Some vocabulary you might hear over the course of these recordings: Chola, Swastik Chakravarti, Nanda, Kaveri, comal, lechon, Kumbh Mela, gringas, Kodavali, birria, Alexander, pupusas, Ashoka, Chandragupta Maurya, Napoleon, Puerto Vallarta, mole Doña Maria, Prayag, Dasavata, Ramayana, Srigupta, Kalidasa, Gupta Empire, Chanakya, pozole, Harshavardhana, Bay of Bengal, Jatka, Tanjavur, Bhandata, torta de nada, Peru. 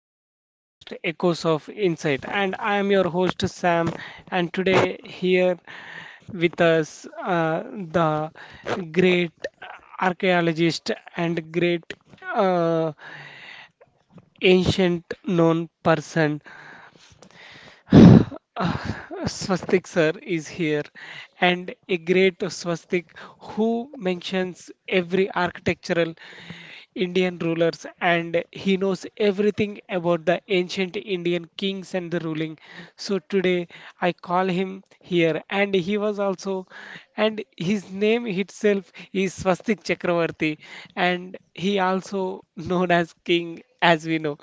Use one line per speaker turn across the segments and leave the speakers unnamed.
to our podcast Echoes of Insight. And I am your host Sam. And today, here with us, the great archaeologist and great uh, ancient known person, uh, Swastik sir, is here. And a great Swastik who mentions every architectural Indian rulers and he knows everything about the ancient Indian kings and the ruling. So today I call him here and he was also and his name itself is Swastik Chakravarti and he also known as king as we know.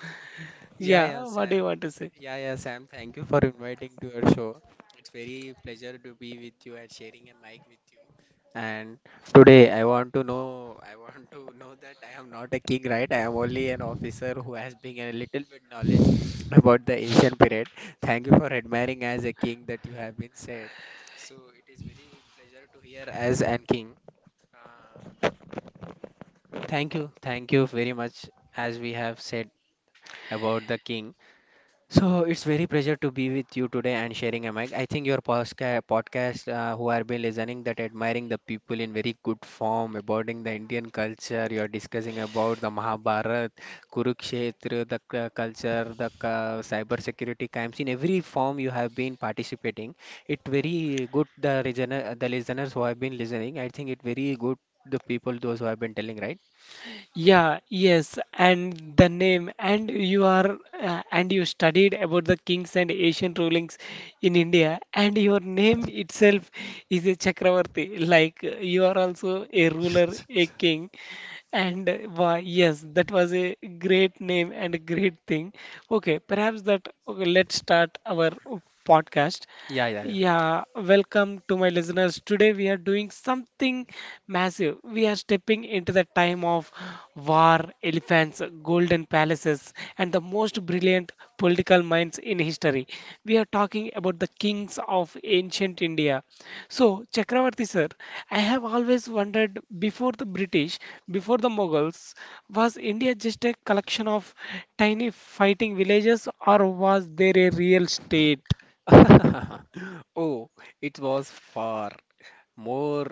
Yeah, yeah,
Yeah, what do
Sam.
you want to say?
Yeah, yeah, Sam. Thank you for inviting to your show. It's very pleasure to be with you and sharing a mic with you. And today I want to know that I am not a king, right? I am only an officer who has been a little bit knowledge about the Asian period. Thank you for admiring as a king that you have been said. So it is very pleasure to hear as an king. Uh, Thank you, thank you very much as we have said about the king. So it's very pleasure to be with you today and sharing a mic. I think your podcast, who are been listening, that admiring the people in very good form, about the Indian culture. You are discussing about the Mahabharat, Kurukshetra, the culture, the cyber security crimes. In every form you have been participating, it very good. The listeners who have been listening, I think it very good. The people those who have been telling, right?
Yeah, yes, and the name, and you are, and you studied about the kings and Asian rulings in India, and your name itself is a Chakravarti, like you are also a ruler, a king, and why, yes, that was a great name and a great thing. Okay, perhaps that, okay, let's start our podcast.
Yeah, yeah,
Yeah, welcome to my listeners. Today we are doing something massive. We are stepping into the time of war, elephants, golden palaces, and the most brilliant political minds in history. We are talking about the kings of ancient India. So, Chakravarti sir, I have always wondered before the British, before the Mughals, was India just a collection of tiny fighting villages or was there a real state?
yeah. Oh, it was far. More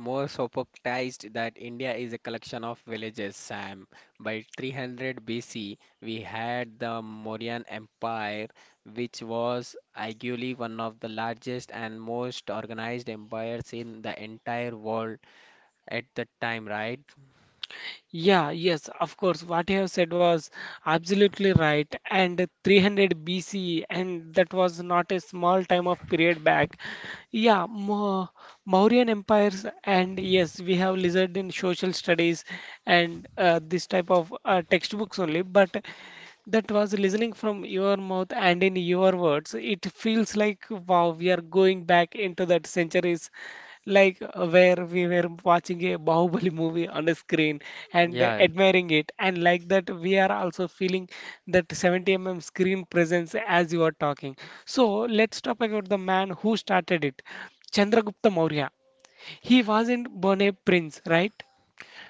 More sopoctized that India is a collection of villages, Sam. By 300 BC, we had the Mauryan Empire, which was arguably one of the largest and most organized empires in the entire world at the time, right?
Yeah, yes, of course. What you have said was absolutely right. And 300 BC, and that was not a small time of period back. Yeah, Mo Mauryan empires, and yes, we have lizard in social studies and this type of textbooks only. But that was listening from your mouth and in your words. It feels like wow, we are going back into that centuries like where we were watching a Bahubali movie on the screen and
Yeah,
admiring it, and like that, we are also feeling that 70 mm screen presence as you are talking. So, let's talk about the man who started it, Chandragupta Maurya. He wasn't born a prince, right?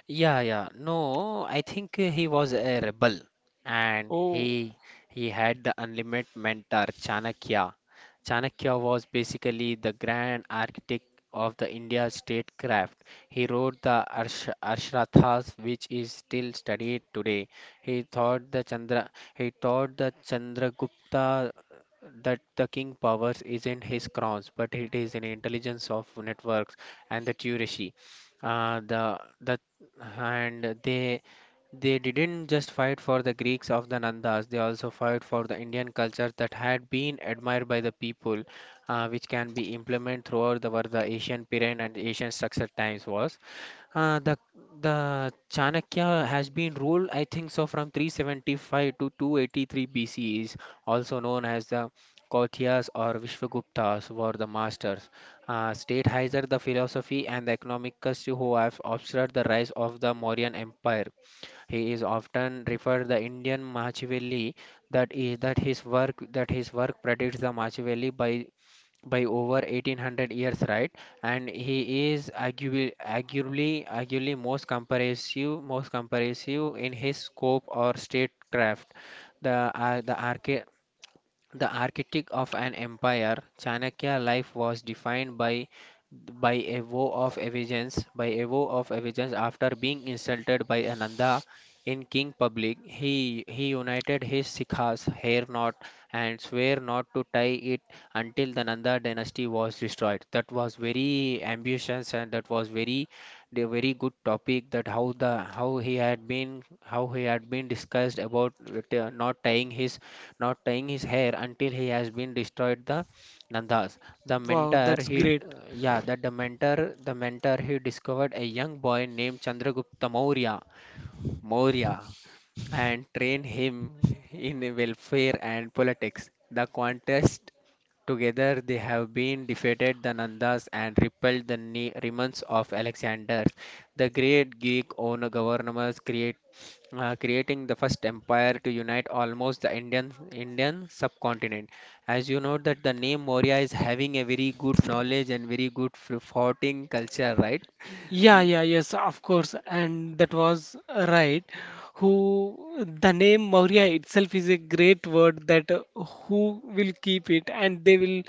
Yeah, yeah. No, I think he was a rebel and
Oh,
he he had the unlimited mentor Chanakya. Chanakya was basically the grand architect of the India statecraft. He wrote the Arshrathas, which is still studied today. He thought the Chandra he taught the Chandragupta that the king powers isn't his crowns, but it is an intelligence of networks and the Tureshi. The And they didn't just fight for the Greeks of the Nandas, they also fought for the Indian culture that had been admired by the people, which can be implemented throughout were the Asian period and Asian structure times was. Uh, the the Chanakya has been ruled, I think so, from 375 to 283 BCE, is also known as the Kautyas or Vishwaguptas were the masters. Statized the philosophy and the economists who have observed the rise of the Mauryan Empire. He is often referred the Indian Machiavelli, that is that his work predicts the Machiavelli by over 1800 years, right? And he is arguably most comprehensive in his scope or statecraft. The uh, the arche the architect of an empire, Chanakya life was defined by a vow of vengeance. By a vow of vengeance, after being insulted by Ananda in king public, he united his Sikhs, hair knot, and swear not to tie it until the Nanda dynasty was destroyed. That was very ambitious and that was very the very good topic that how he had been how he had been discussed about with, not tying his hair until he has been destroyed the Nandas. The
wow,
mentor
that's
he
great.
Yeah, that the mentor he discovered a young boy named Chandragupta Maurya Maurya and trained him in welfare and politics. The contest Together they have been defeated the Nandas and repelled the remnants of Alexander's. The great Greek owner governors create creating the first empire to unite almost the Indian subcontinent. As you know that the name Maurya is having a very good knowledge and very good fighting culture, right?
Yeah,
Y-
yeah, yes, of course, and that was right. Who the name Maurya itself is a great word that who will keep it and they will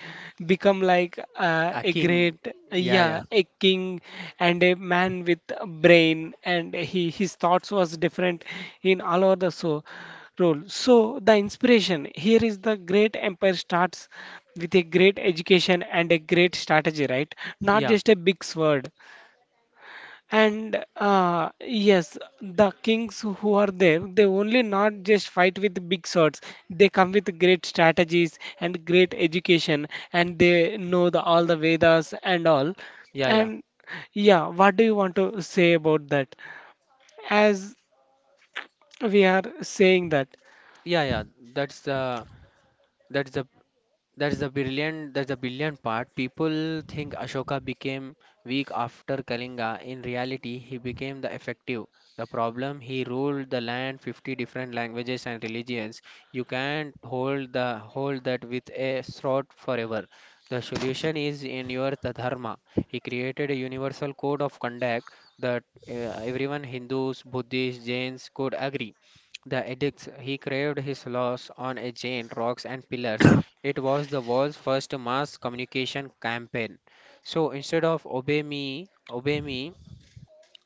become like
A
a
king,
great,
yeah,
yeah,
yeah,
a king and a man with a brain and he his thoughts was different in all over the so role. So the inspiration here is the great empire starts with a great education and a great strategy, right? Not
yeah,
just a big sword. And yes, the kings who are there, they only not just fight with big swords. They come with great strategies and great education, and they know the all the Vedas and all.
yeah, yeah,
And yeah, what do you want to say about that? As we are saying that.
yeah, yeah. That's the that's the That's the brilliant. That's the brilliant part. People think Ashoka became weak after Kalinga. In reality, he became the effective. The problem he ruled the land, 50 different languages and religions. You can't hold that with a sword forever. The solution is in your the dharma. He created a universal code of conduct that everyone Hindus, Buddhists, Jains could agree. The edicts he craved his laws on a chain, rocks and pillars. It was the world's first mass communication campaign. So instead of obey me,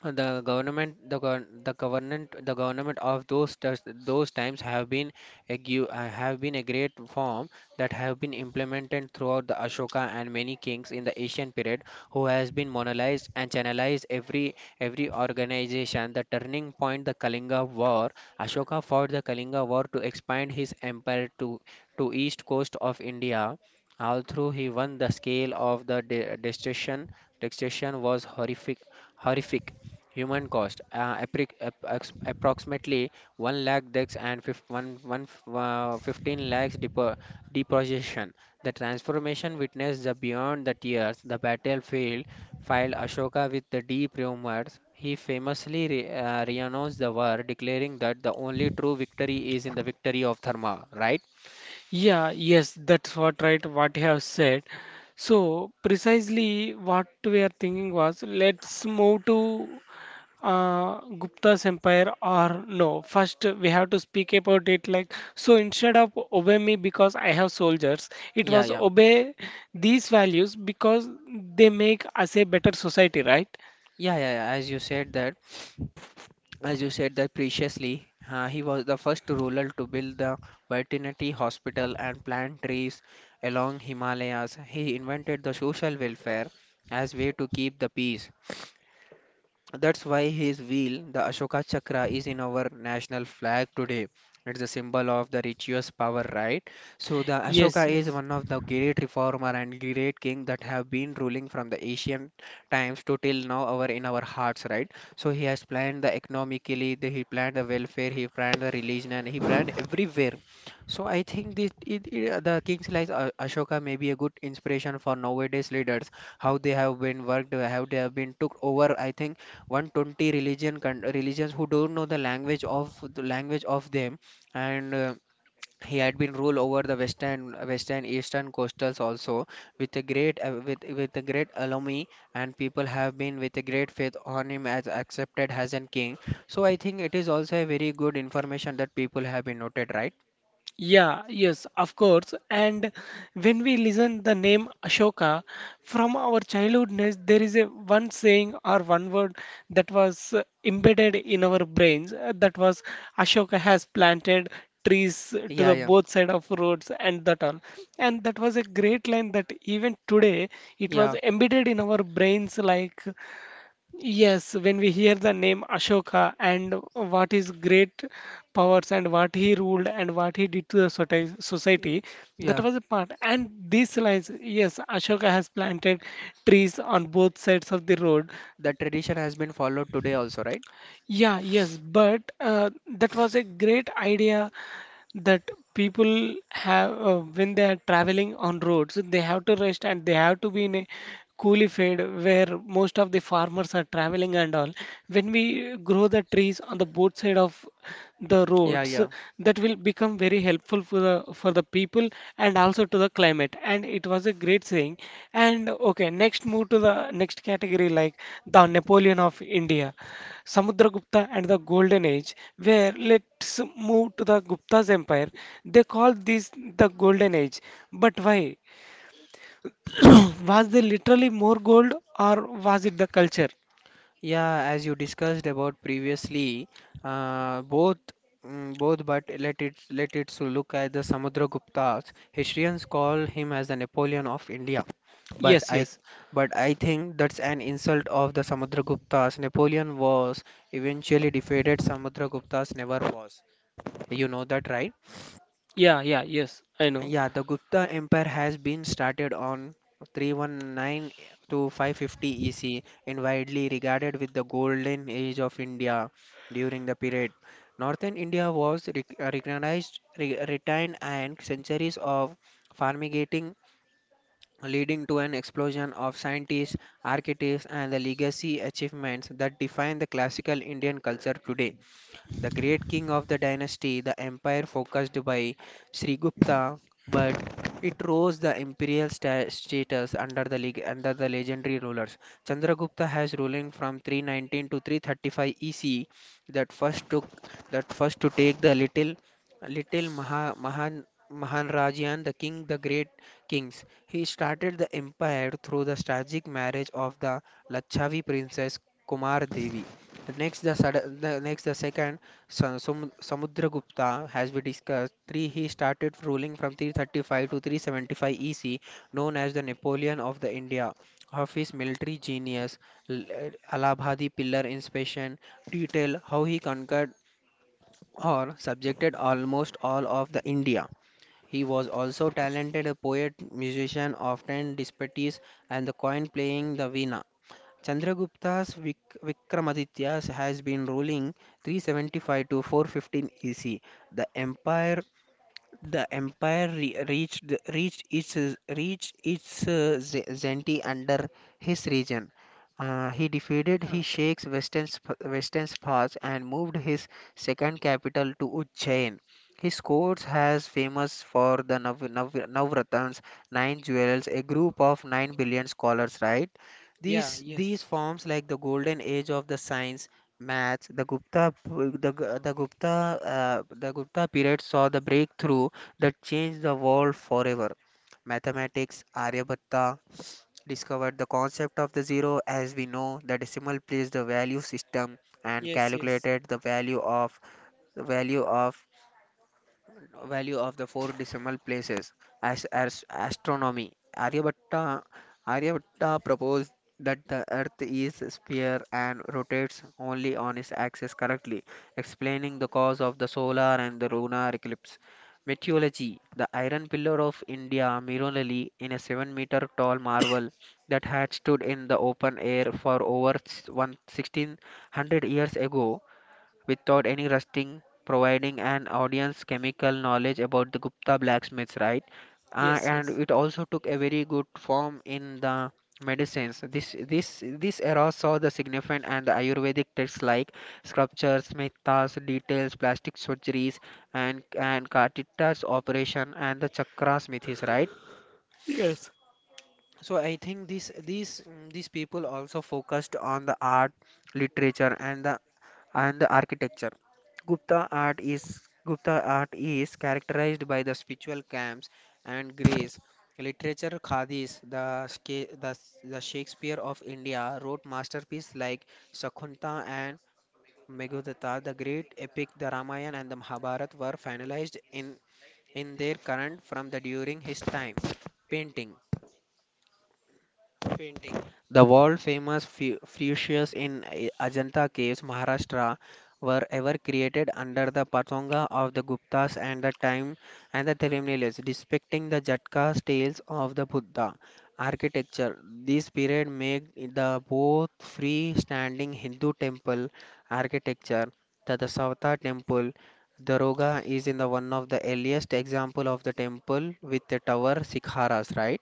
The government, the gov- the government of those those times have been have been a great form that have been implemented throughout the Ashoka and many kings in the Asian period who has been monolized and channelized every organization. The turning point, the Kalinga War. Ashoka fought the Kalinga War to expand his empire to east coast of India. Although he won, the scale of the de destruction was horrific. Human cost approximately 1 lakh dex and 15 lakhs deposition. The transformation witnessed the beyond the tears, the battlefield filed Ashoka with the deep remorse. He famously renounced the war, declaring that the only true victory is in the victory of Dharma, right?
Yeah, yes, that's what right what you have said. So precisely what we are thinking was let's move to Gupta's empire or no. First we have to speak about it like so instead of obey me because I have soldiers, it
Yeah,
was
yeah.
obey these values because they make us a better society, right?
Yeah, yeah, yeah. As you said that As you said that previously, he was the first ruler to build the veterinary hospital and plant trees along Himalayas. He invented the social welfare as way to keep the peace. That's why his wheel, the Ashoka Chakra, is in our national flag today. It's a symbol of the religious power, right? So the
Yes,
Ashoka is
yes.
one of the great reformer and great king that have been ruling from the ancient times to till now our in our hearts, right? So he has planned the economically, he planned the welfare, he planned the religion, and he planned everywhere. So I think the kings like Ashoka may be a good inspiration for nowadays leaders, how they have been worked, how they have been took over, I think. 120 religions who don't know the language of them and he had been ruled over the western eastern coastals also with a great with a great alumni, and people have been with a great faith on him as accepted as a king. So I think it is also a very good information that people have been noted, right?
Yeah, yes, of course. And when we listen the name Ashoka from our childhoodness, there is a one saying or one word that was embedded in our brains. That was Ashoka has planted trees to
yeah
the
yeah
both side of roads and that all. And that was a great line that even today it was
yeah
embedded in our brains like. Yes, when we hear the name Ashoka and what his great powers and what he ruled and what he did to the society, that
yeah
was a part. And these lines, yes, Ashoka has planted trees on both sides of the road.
the tradition has been followed today also, right?
Yeah, yes, but that was a great idea that people have when they are traveling on roads, they have to rest and they have to be in a coolie field where most of the farmers are traveling and all. When we grow the trees on the both side of the
yeah
roads,
yeah
that will become very helpful for the people and also to the climate. And it was a great saying. And okay, next move to the next category like the Napoleon of India. Samudragupta and the Golden Age, where let's move to the Gupta's empire. They call this the Golden Age. But why? Was there literally more gold or was it the culture?
Yeah, as you discussed about previously, both both, but let it so look at the Samudraguptas. Historians call him as the Napoleon of India, but
Yes,
I
yes.
but I think that's an insult of the Samudraguptas. Napoleon was eventually defeated. Samudraguptas never was. You know that, right?
Yeah, yeah, yes. I know.
Yeah, the Gupta Empire has been started on 319 to 550 EC and widely regarded with the golden age of India during the period. Northern India was recognized, retained, and centuries of farmigating leading to an explosion of scientists, architects, and the legacy achievements that define the classical Indian culture today. The great king of the dynasty, the empire focused by Srigupta, but it rose the imperial status under the legendary rulers. Chandragupta has ruling from 319 to 335 EC that first took that first to take the little Mahanrajan, the king, the great kings. He started the empire through the tragic marriage of the Lachavi princess Kumar Devi. Next, the, sud- the next the second Samudragupta, as we discussed, three, he started ruling from 335 to 375 EC, known as the Napoleon of the India. Of his military genius, L- Allahabadi pillar inspiration, detail how he conquered or subjected almost all of the India. He was also talented a poet, musician, often disputes, and the coin playing the veena. Chandragupta's Vikramaditya has been ruling 375 to 415 EC. The empire the empire reached its zenith under his region. He defeated his sheikhs western western Spas and moved his second capital to Ujjain. His court has famous for the Navratans, nine jewels, a group of 9 billion scholars. Right,
Yeah. Yeah,
these
yes.
forms like the golden age of the science maths the, Gu- the gupta the gupta period saw the breakthrough that changed the world forever. Mathematics Aryabhatta discovered the concept of the zero as we know the decimal place the value system and
Yes, yes.
calculated the value of the value of value of the four decimal places as astronomy. Aryabhatta proposed that the earth is a sphere and rotates only on its axis correctly, explaining the cause of the solar and the lunar eclipse. Meteorology, the iron pillar of India, Mirolali, in a 7-meter tall marvel that had stood in the open air for over 1600 years ago, without any rusting, providing an audience chemical knowledge about the Gupta blacksmiths, right?
Yes,
And
yes.
it also took a very good form in the medicines. This era saw the significant and the Ayurvedic texts like sculptures, mithas, details, plastic surgeries, and Kartita's operation and the chakra smithies, right?
Yes.
So I think these people also focused on the art, literature, and the architecture. Gupta art is Gupta art is characterized by the spiritual camps and grace. Literature Khadis, the Shakespeare of India, wrote masterpieces like Shakuntala and Meghdata. The great epic, the Ramayana and the Mahabharata, were finalized in their current from the during his time. Painting painting. The world-famous fuchsias in Ajanta Caves, Maharashtra, were ever created under the patonga of the Guptas and the time and the Thirumnelis, depicting the Jatka's tales of the Buddha architecture. This period made it the both free-standing Hindu temple architecture, the Dasavata temple. Daroga is in the one of the earliest example of the temple with the tower sikharas, right?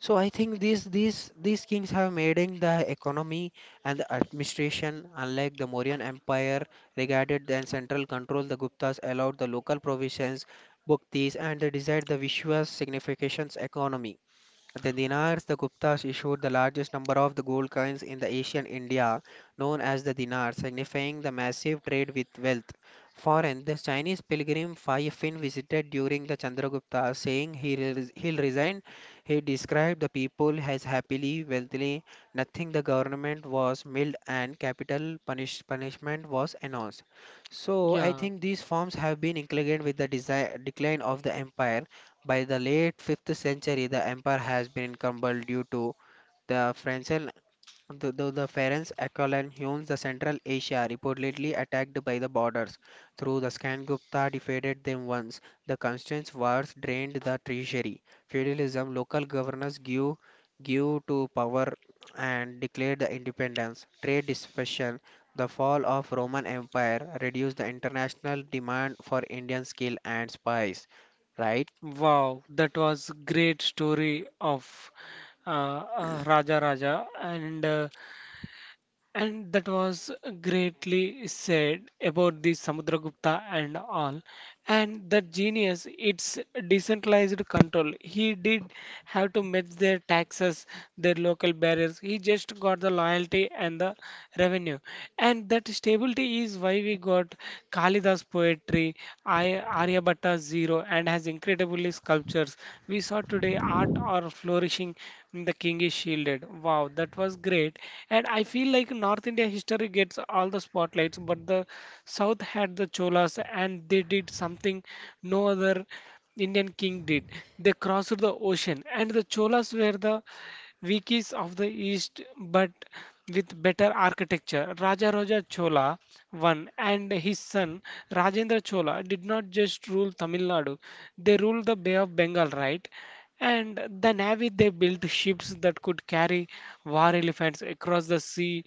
So I think these kings have made in the economy and the administration. Unlike the Mauryan Empire, regarded then central control, the Guptas allowed the local provisions, bhaktis, and they desired the Vishwas significations economy. The dinars the Guptas issued the largest number of the gold coins in the Asian India, known as the dinar, signifying the massive trade with wealth. Foreign, the Chinese pilgrim Fai Fin visited during the Chandragupta, saying he'll resign. He described the people as happily, wealthily, nothing the government was milled and capital punishment was announced. So I
Yeah.
think these forms have been included with the decline of the empire. By the late fifth century, the empire has been encumbered due to the French and the Ferenc Akolan Huns, the Central Asia, reportedly attacked by the borders. Through the Gupta defeated them once. The constant wars drained the treasury. Feudalism, local governors give to power and declared the independence. Trade dispersion, the fall of Roman Empire reduced the international demand for Indian skill and spice, right?
Wow, that was great story of Raja Raja and that was greatly said about the Samudragupta and all. And that genius, it's decentralized control. He did have to match their taxes, their local barriers. He just got the loyalty and the revenue. And that stability is why we got Kalidas poetry, Aryabhatta zero, and has incredibly sculptures. We saw today art are flourishing in the king is shielded. Wow, that was great. And I feel like North India history gets all the spotlights, but the South had the Cholas and they did something no other Indian king did. They crossed the ocean and the Cholas were the Vikings of the East but with better architecture. Raja Raja Chola one, and his son Rajendra Chola did not just rule Tamil Nadu, they ruled the Bay of Bengal, right? And the navy they built ships that could carry war elephants across the sea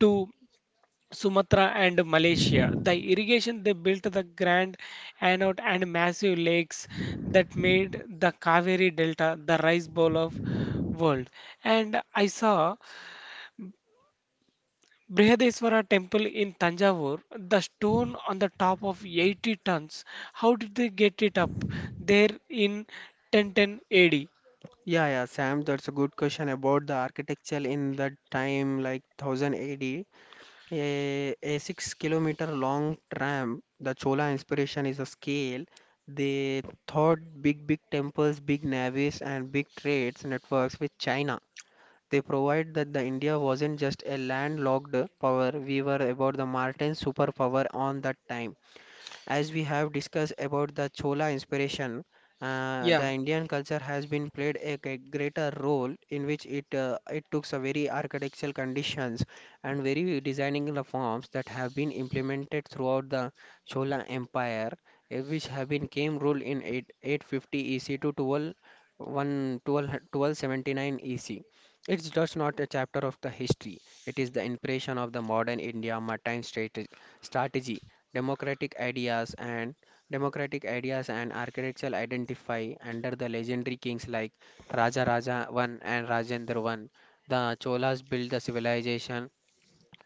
to Sumatra and Malaysia. The irrigation they built the Grand Anode and massive lakes that made the Kaveri Delta the rice bowl of world. And I saw Brihadeswara temple in Tanjavur, the stone on the top of 80 tons. How did they get it up there in 1010 AD?
Yeah, yeah, Sam, that's a good question about the architecture in that time, like 1000 AD. A, D. A 6-kilometer long tram, the Chola inspiration is a scale. They thought big, big temples, big navies, and big trades networks with China. They provide that the India wasn't just a landlocked power, we were about the Martin superpower on that time. As we have discussed about the Chola inspiration, the
Yeah,
Indian culture has been played greater role in which it took some very architectural conditions and very designing the forms that have been implemented throughout the Chola Empire, which have been came rule in 8, 850 EC to 12, 1, EC. It's just not a chapter of the history. It is the inspiration of the modern India maritime strategy. Democratic ideas and democratic ideas and architectural identify under the legendary kings like Raja Raja I and Rajendra I. The Cholas built the civilization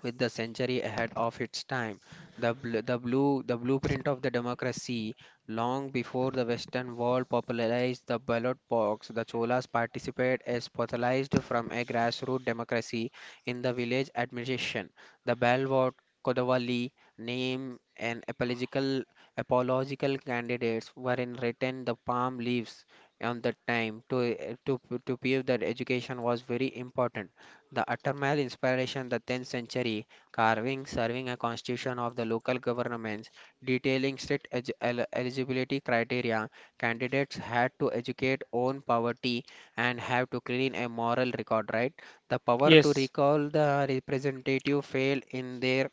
with the century ahead of its time. The blueprint of the democracy, long before the Western world popularized the ballot box, the Cholas participated as pathologized from a grassroots democracy in the village administration. The ballot Kodavali name and apological candidates were in written the palm leaves on the time to to prove that education was very important. The Attermal inspiration, the tenth century carving serving a constitution of the local governments, detailing strict eligibility criteria. Candidates had to educate own poverty and have to clean a moral record, right? The power to
yes.
recall the representative failed in their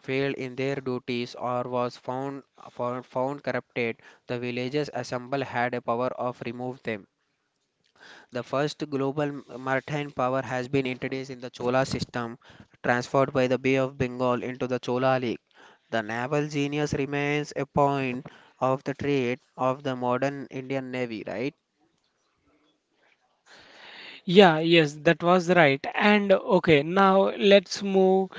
failed in their duties or was found corrupted. The villages assemble had a power of remove them. The first global maritime power has been introduced in the Chola system, transferred by the Bay of Bengal into the Chola League. The naval genius remains a point of the trade of the modern Indian Navy, right?
Yeah, yes, that was right. And okay, now let's move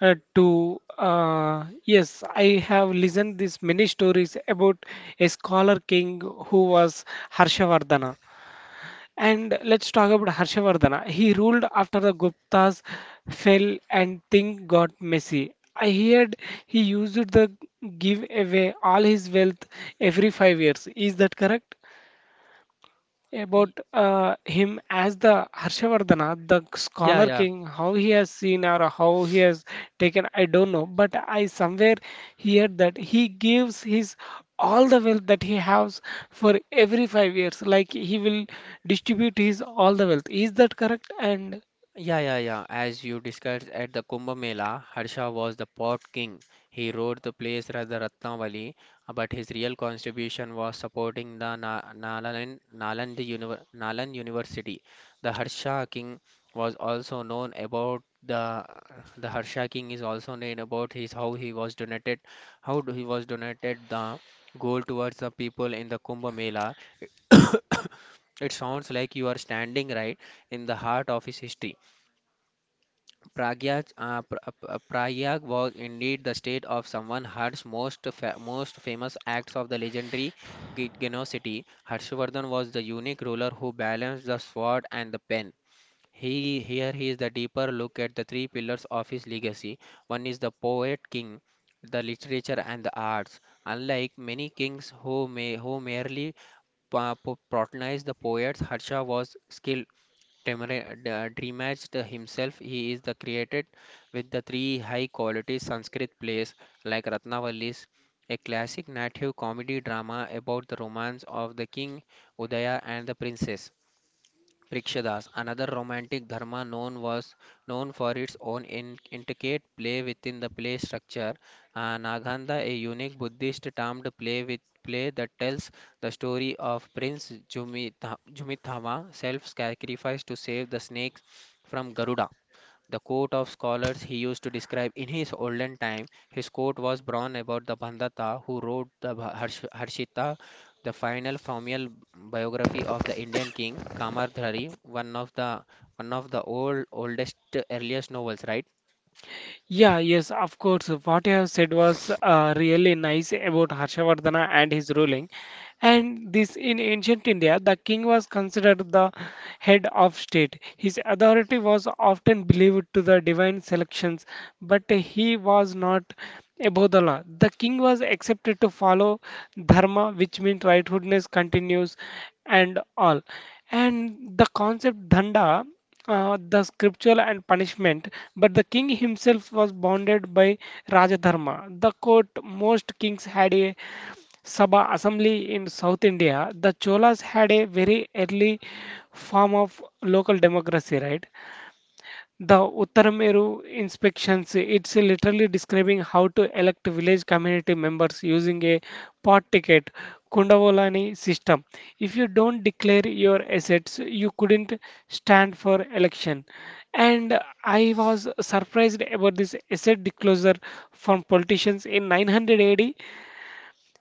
to yes, I have listened these many stories about a scholar king who was Harshavardhana. And let's talk about Harshavardhana. He ruled after the Guptas fell and things got messy. I heard he used the give away all his wealth every 5 years. Is that correct?
Y-
About him as the Harshavardhana, the
Yeah,
scholar
yeah.
king, how he has seen or how he has taken, I don't know. But I somewhere hear that he gives his all the wealth that he has for every 5 years. Like he will distribute his all the wealth. Is that correct? And
Yeah, yeah, yeah. As you discussed at the Kumbh Mela, Harsha was the pot king. He ruled the place as the Ratnavali, but his real contribution was supporting the Na Nalan, Naland Univer Nalan University. The Harsha king was also known about the Harsha king is also known about his how he was donated the gold towards the people in the Kumbh Mela. It sounds like you are standing right in the heart of his history. Pragyaj, uh, Pra- uh, Prayag was indeed the state of someone Harsh's most famous acts of the legendary Genocity. Harshvardhan was the unique ruler who balanced the sword and the pen. He Here is the deeper look at the three pillars of his legacy. One is the poet king, the literature and the arts. Unlike many kings who merely patronized the poets, Harsha was skilled demra- dreamaged himself. He is the created with the three high quality Sanskrit plays like Ratnavalis, a classic native comedy drama about the romance of the king Udaya and the princess. Rikshadas, another romantic dharma known for its own intricate play within the play structure. Naganda, a unique Buddhist termed play with play that tells the story of Prince Jumithama, self-sacrifice to save the snakes from Garuda. The coat of scholars he used to describe in his olden time, his coat was brown about the Bhandata who wrote the Harshita, the final formal biography of the Indian king Kamardhari, one of the old oldest earliest novels, right?
yeah, yes, of course. What you have said was really nice about Harshavardhana and his ruling. And this in ancient India, the king was considered the head of state. His authority was often believed to the divine selections, but he was not above the law. The king was accepted to follow dharma, which means rightfulness continues and all. And the concept danda, the scriptural and punishment, but the king himself was bounded by Rajadharma. The court, most kings had a Sabha assembly in South India, the Cholas had a very early form of local democracy, right? The Uttarameru inspections, it's literally describing how to elect village community members using a pot ticket, Kundavolani system. If you don't declare your assets, you couldn't stand for election. And I was surprised about this asset disclosure from politicians in 900 AD.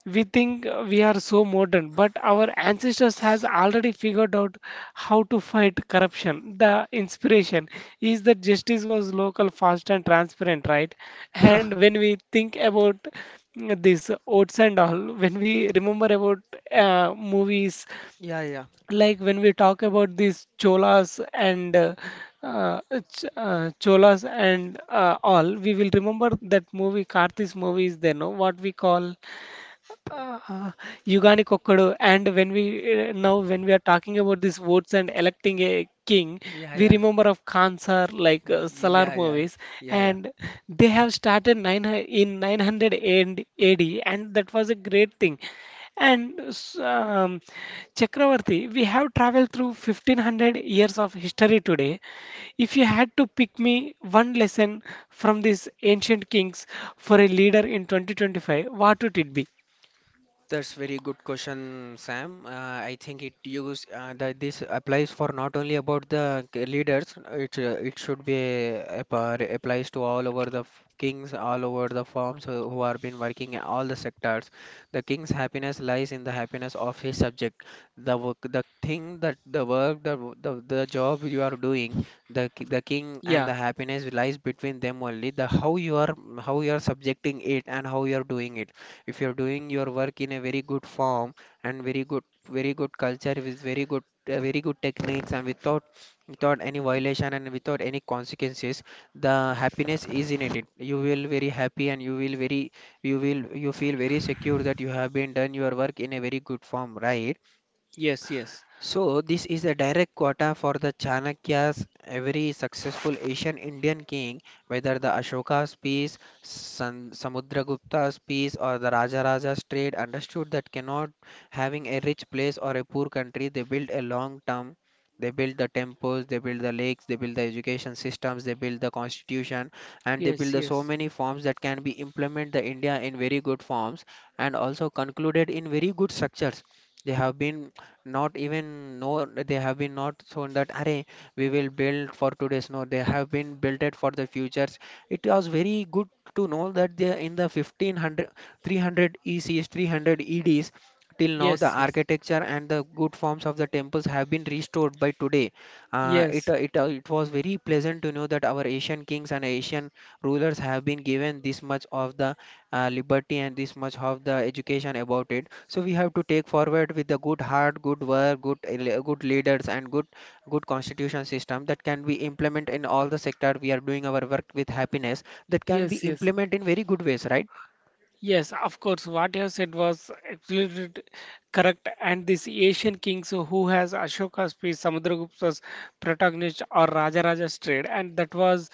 We think we are so modern, but our ancestors has already figured out how to fight corruption. The inspiration is that justice was local, fast and transparent, right? And when we think about this oats and all, when we remember about movies
Yeah, yeah,
like when we talk about these cholas and uh, ch cholas and all, we will remember that movie karthik's movie is there no what we call. Uh, Yugani Kokkodu. And when we now when we are talking about these votes and electing a king,
yeah,
we
yeah,
remember of Kansar like Salar
yeah, yeah,
movies,
yeah, yeah.
and they have started in 900 AD, and A D, and that was a great thing. And Chakravarti, we have traveled through 1,500 years of history today. If you had to pick me one lesson from these ancient kings for a leader in 2025, what would it be?
That's very good question, Sam. I think it use that this applies for not only about the leaders. It should be applies to all over the kings, all over the firms who are been working in all the sectors. The king's happiness lies in the happiness of his subject. The work, the thing that the work, The job you are doing, the king and
Yeah.
the happiness lies between them only. The how you are subjecting it and how you are doing it. If you're doing your work in a very good form and very good culture with very good techniques and without any violation and without any consequences, the happiness is in it. You will very happy, and you feel very secure that you have been done your work in a very good form, right?
Yes. Yes.
So, this is a direct quota for the Chanakya's. Every successful Asian Indian king, whether the Ashoka's peace, Samudragupta's peace, or the Rajaraja's trade, understood that cannot having a rich place or a poor country, they built a long term. They built the temples, they built the lakes, they built the education systems, they built the constitution, and they built
Yes.
the so
Yes.
many forms that can be implement the India in very good forms and also concluded in very good structures. They have been, not even know, they have been not shown that array. We will build for today's, no, they have been built it for the futures. It was very good to know that they in the 1500 300 ecs 300 eds till now the
Yes. Yes.
architecture and the good forms of the temples have been restored by today. uh, it uh,
Yes.
it uh, it was very pleasant to know that our Asian kings and Asian rulers have been given this much of the liberty and this much of the education about it. So we have to take forward with the good heart, good work, good leaders, and good constitution system that can be implement in all the sector. We are doing our work with happiness that can be
Yes. Yes.
implement in very good ways, right?
Yes, of course, what you have said was absolutely correct. And these Asian kings who has Ashoka's piece, Samudragupta's protagonist or Rajaraja's trade, and that was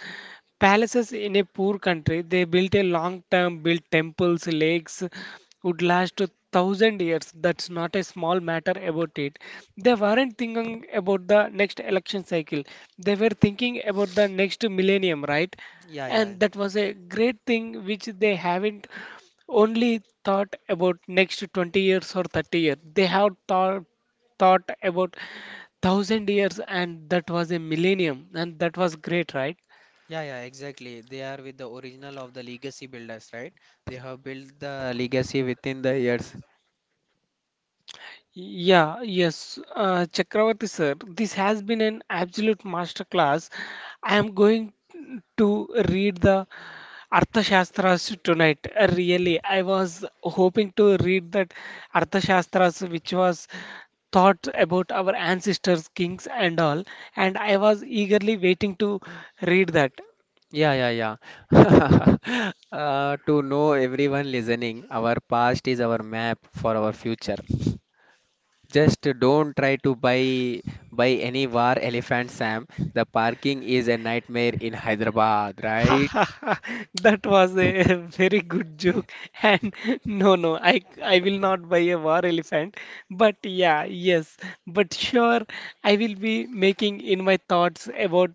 palaces in a poor country. They built a long term, built temples, lakes, would last to 1,000 years. That's not a small matter about it. They weren't thinking about the next election cycle. They were thinking about the next millennium, right?
Yeah, yeah,
And that was a great thing which they haven't only thought about next 20 years or 30 years. They have thought about 1,000 years and that was a millennium and that was great, right?
yeah, yeah, exactly. They are with the original of the legacy builders, right? They have built the legacy within the years.
Yeah, yes, Chakravarti sir, this has been an absolute masterclass. I am going to read the Arthashastras tonight. Really, I was hoping to read that Arthashastras, which was thought about our ancestors, kings, and all, and I was eagerly waiting to read that.
Yeah, yeah, yeah. To know everyone listening, our past is our map for our future. Just don't try to buy any war elephant, Sam. The parking is a nightmare in Hyderabad,
Ha
right?
ha ha! That was a very good joke. And no, no, I will not buy a war elephant. But yeah, yes, but sure, I will be making in my thoughts about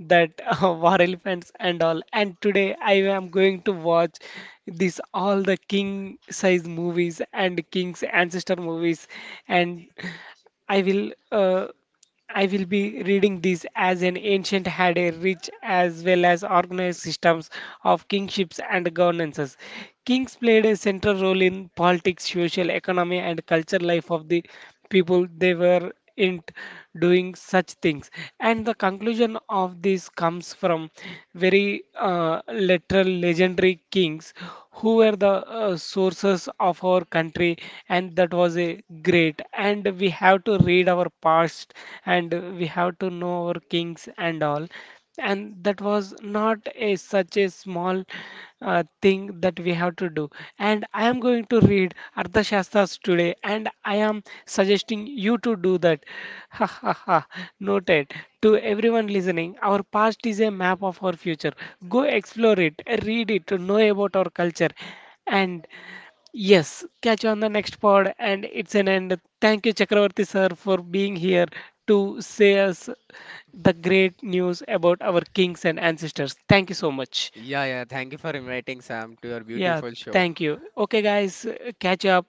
that war elephants and all. And today I am going to watch this all the king size movies and king's ancestor movies, and I will. I will be reading this as an ancient had a rich as well as organized systems of kingships and governances. Kings played a central role in politics, social, economy, and culture life of the people they were in doing such things. And the conclusion of this comes from very literal legendary kings who were the sources of our country, and that was a great and we have to read our past and we have to know our kings and all and that was not a such a small thing that we have to do. And I am going to read arthashastras today and I am suggesting you to do that. Ha ha ha. Noted. To everyone listening, our past is a map of our future. Go explore it, read it, know about our culture. And yes, catch you on the next pod, and it's an end. Thank you, Chakravarti sir, for being here to say us the great news about our kings and ancestors. Thank you so much.
Yeah, yeah. Thank you for inviting Sam to your
Yeah,
beautiful show.
thank you. Okay, guys, catch up.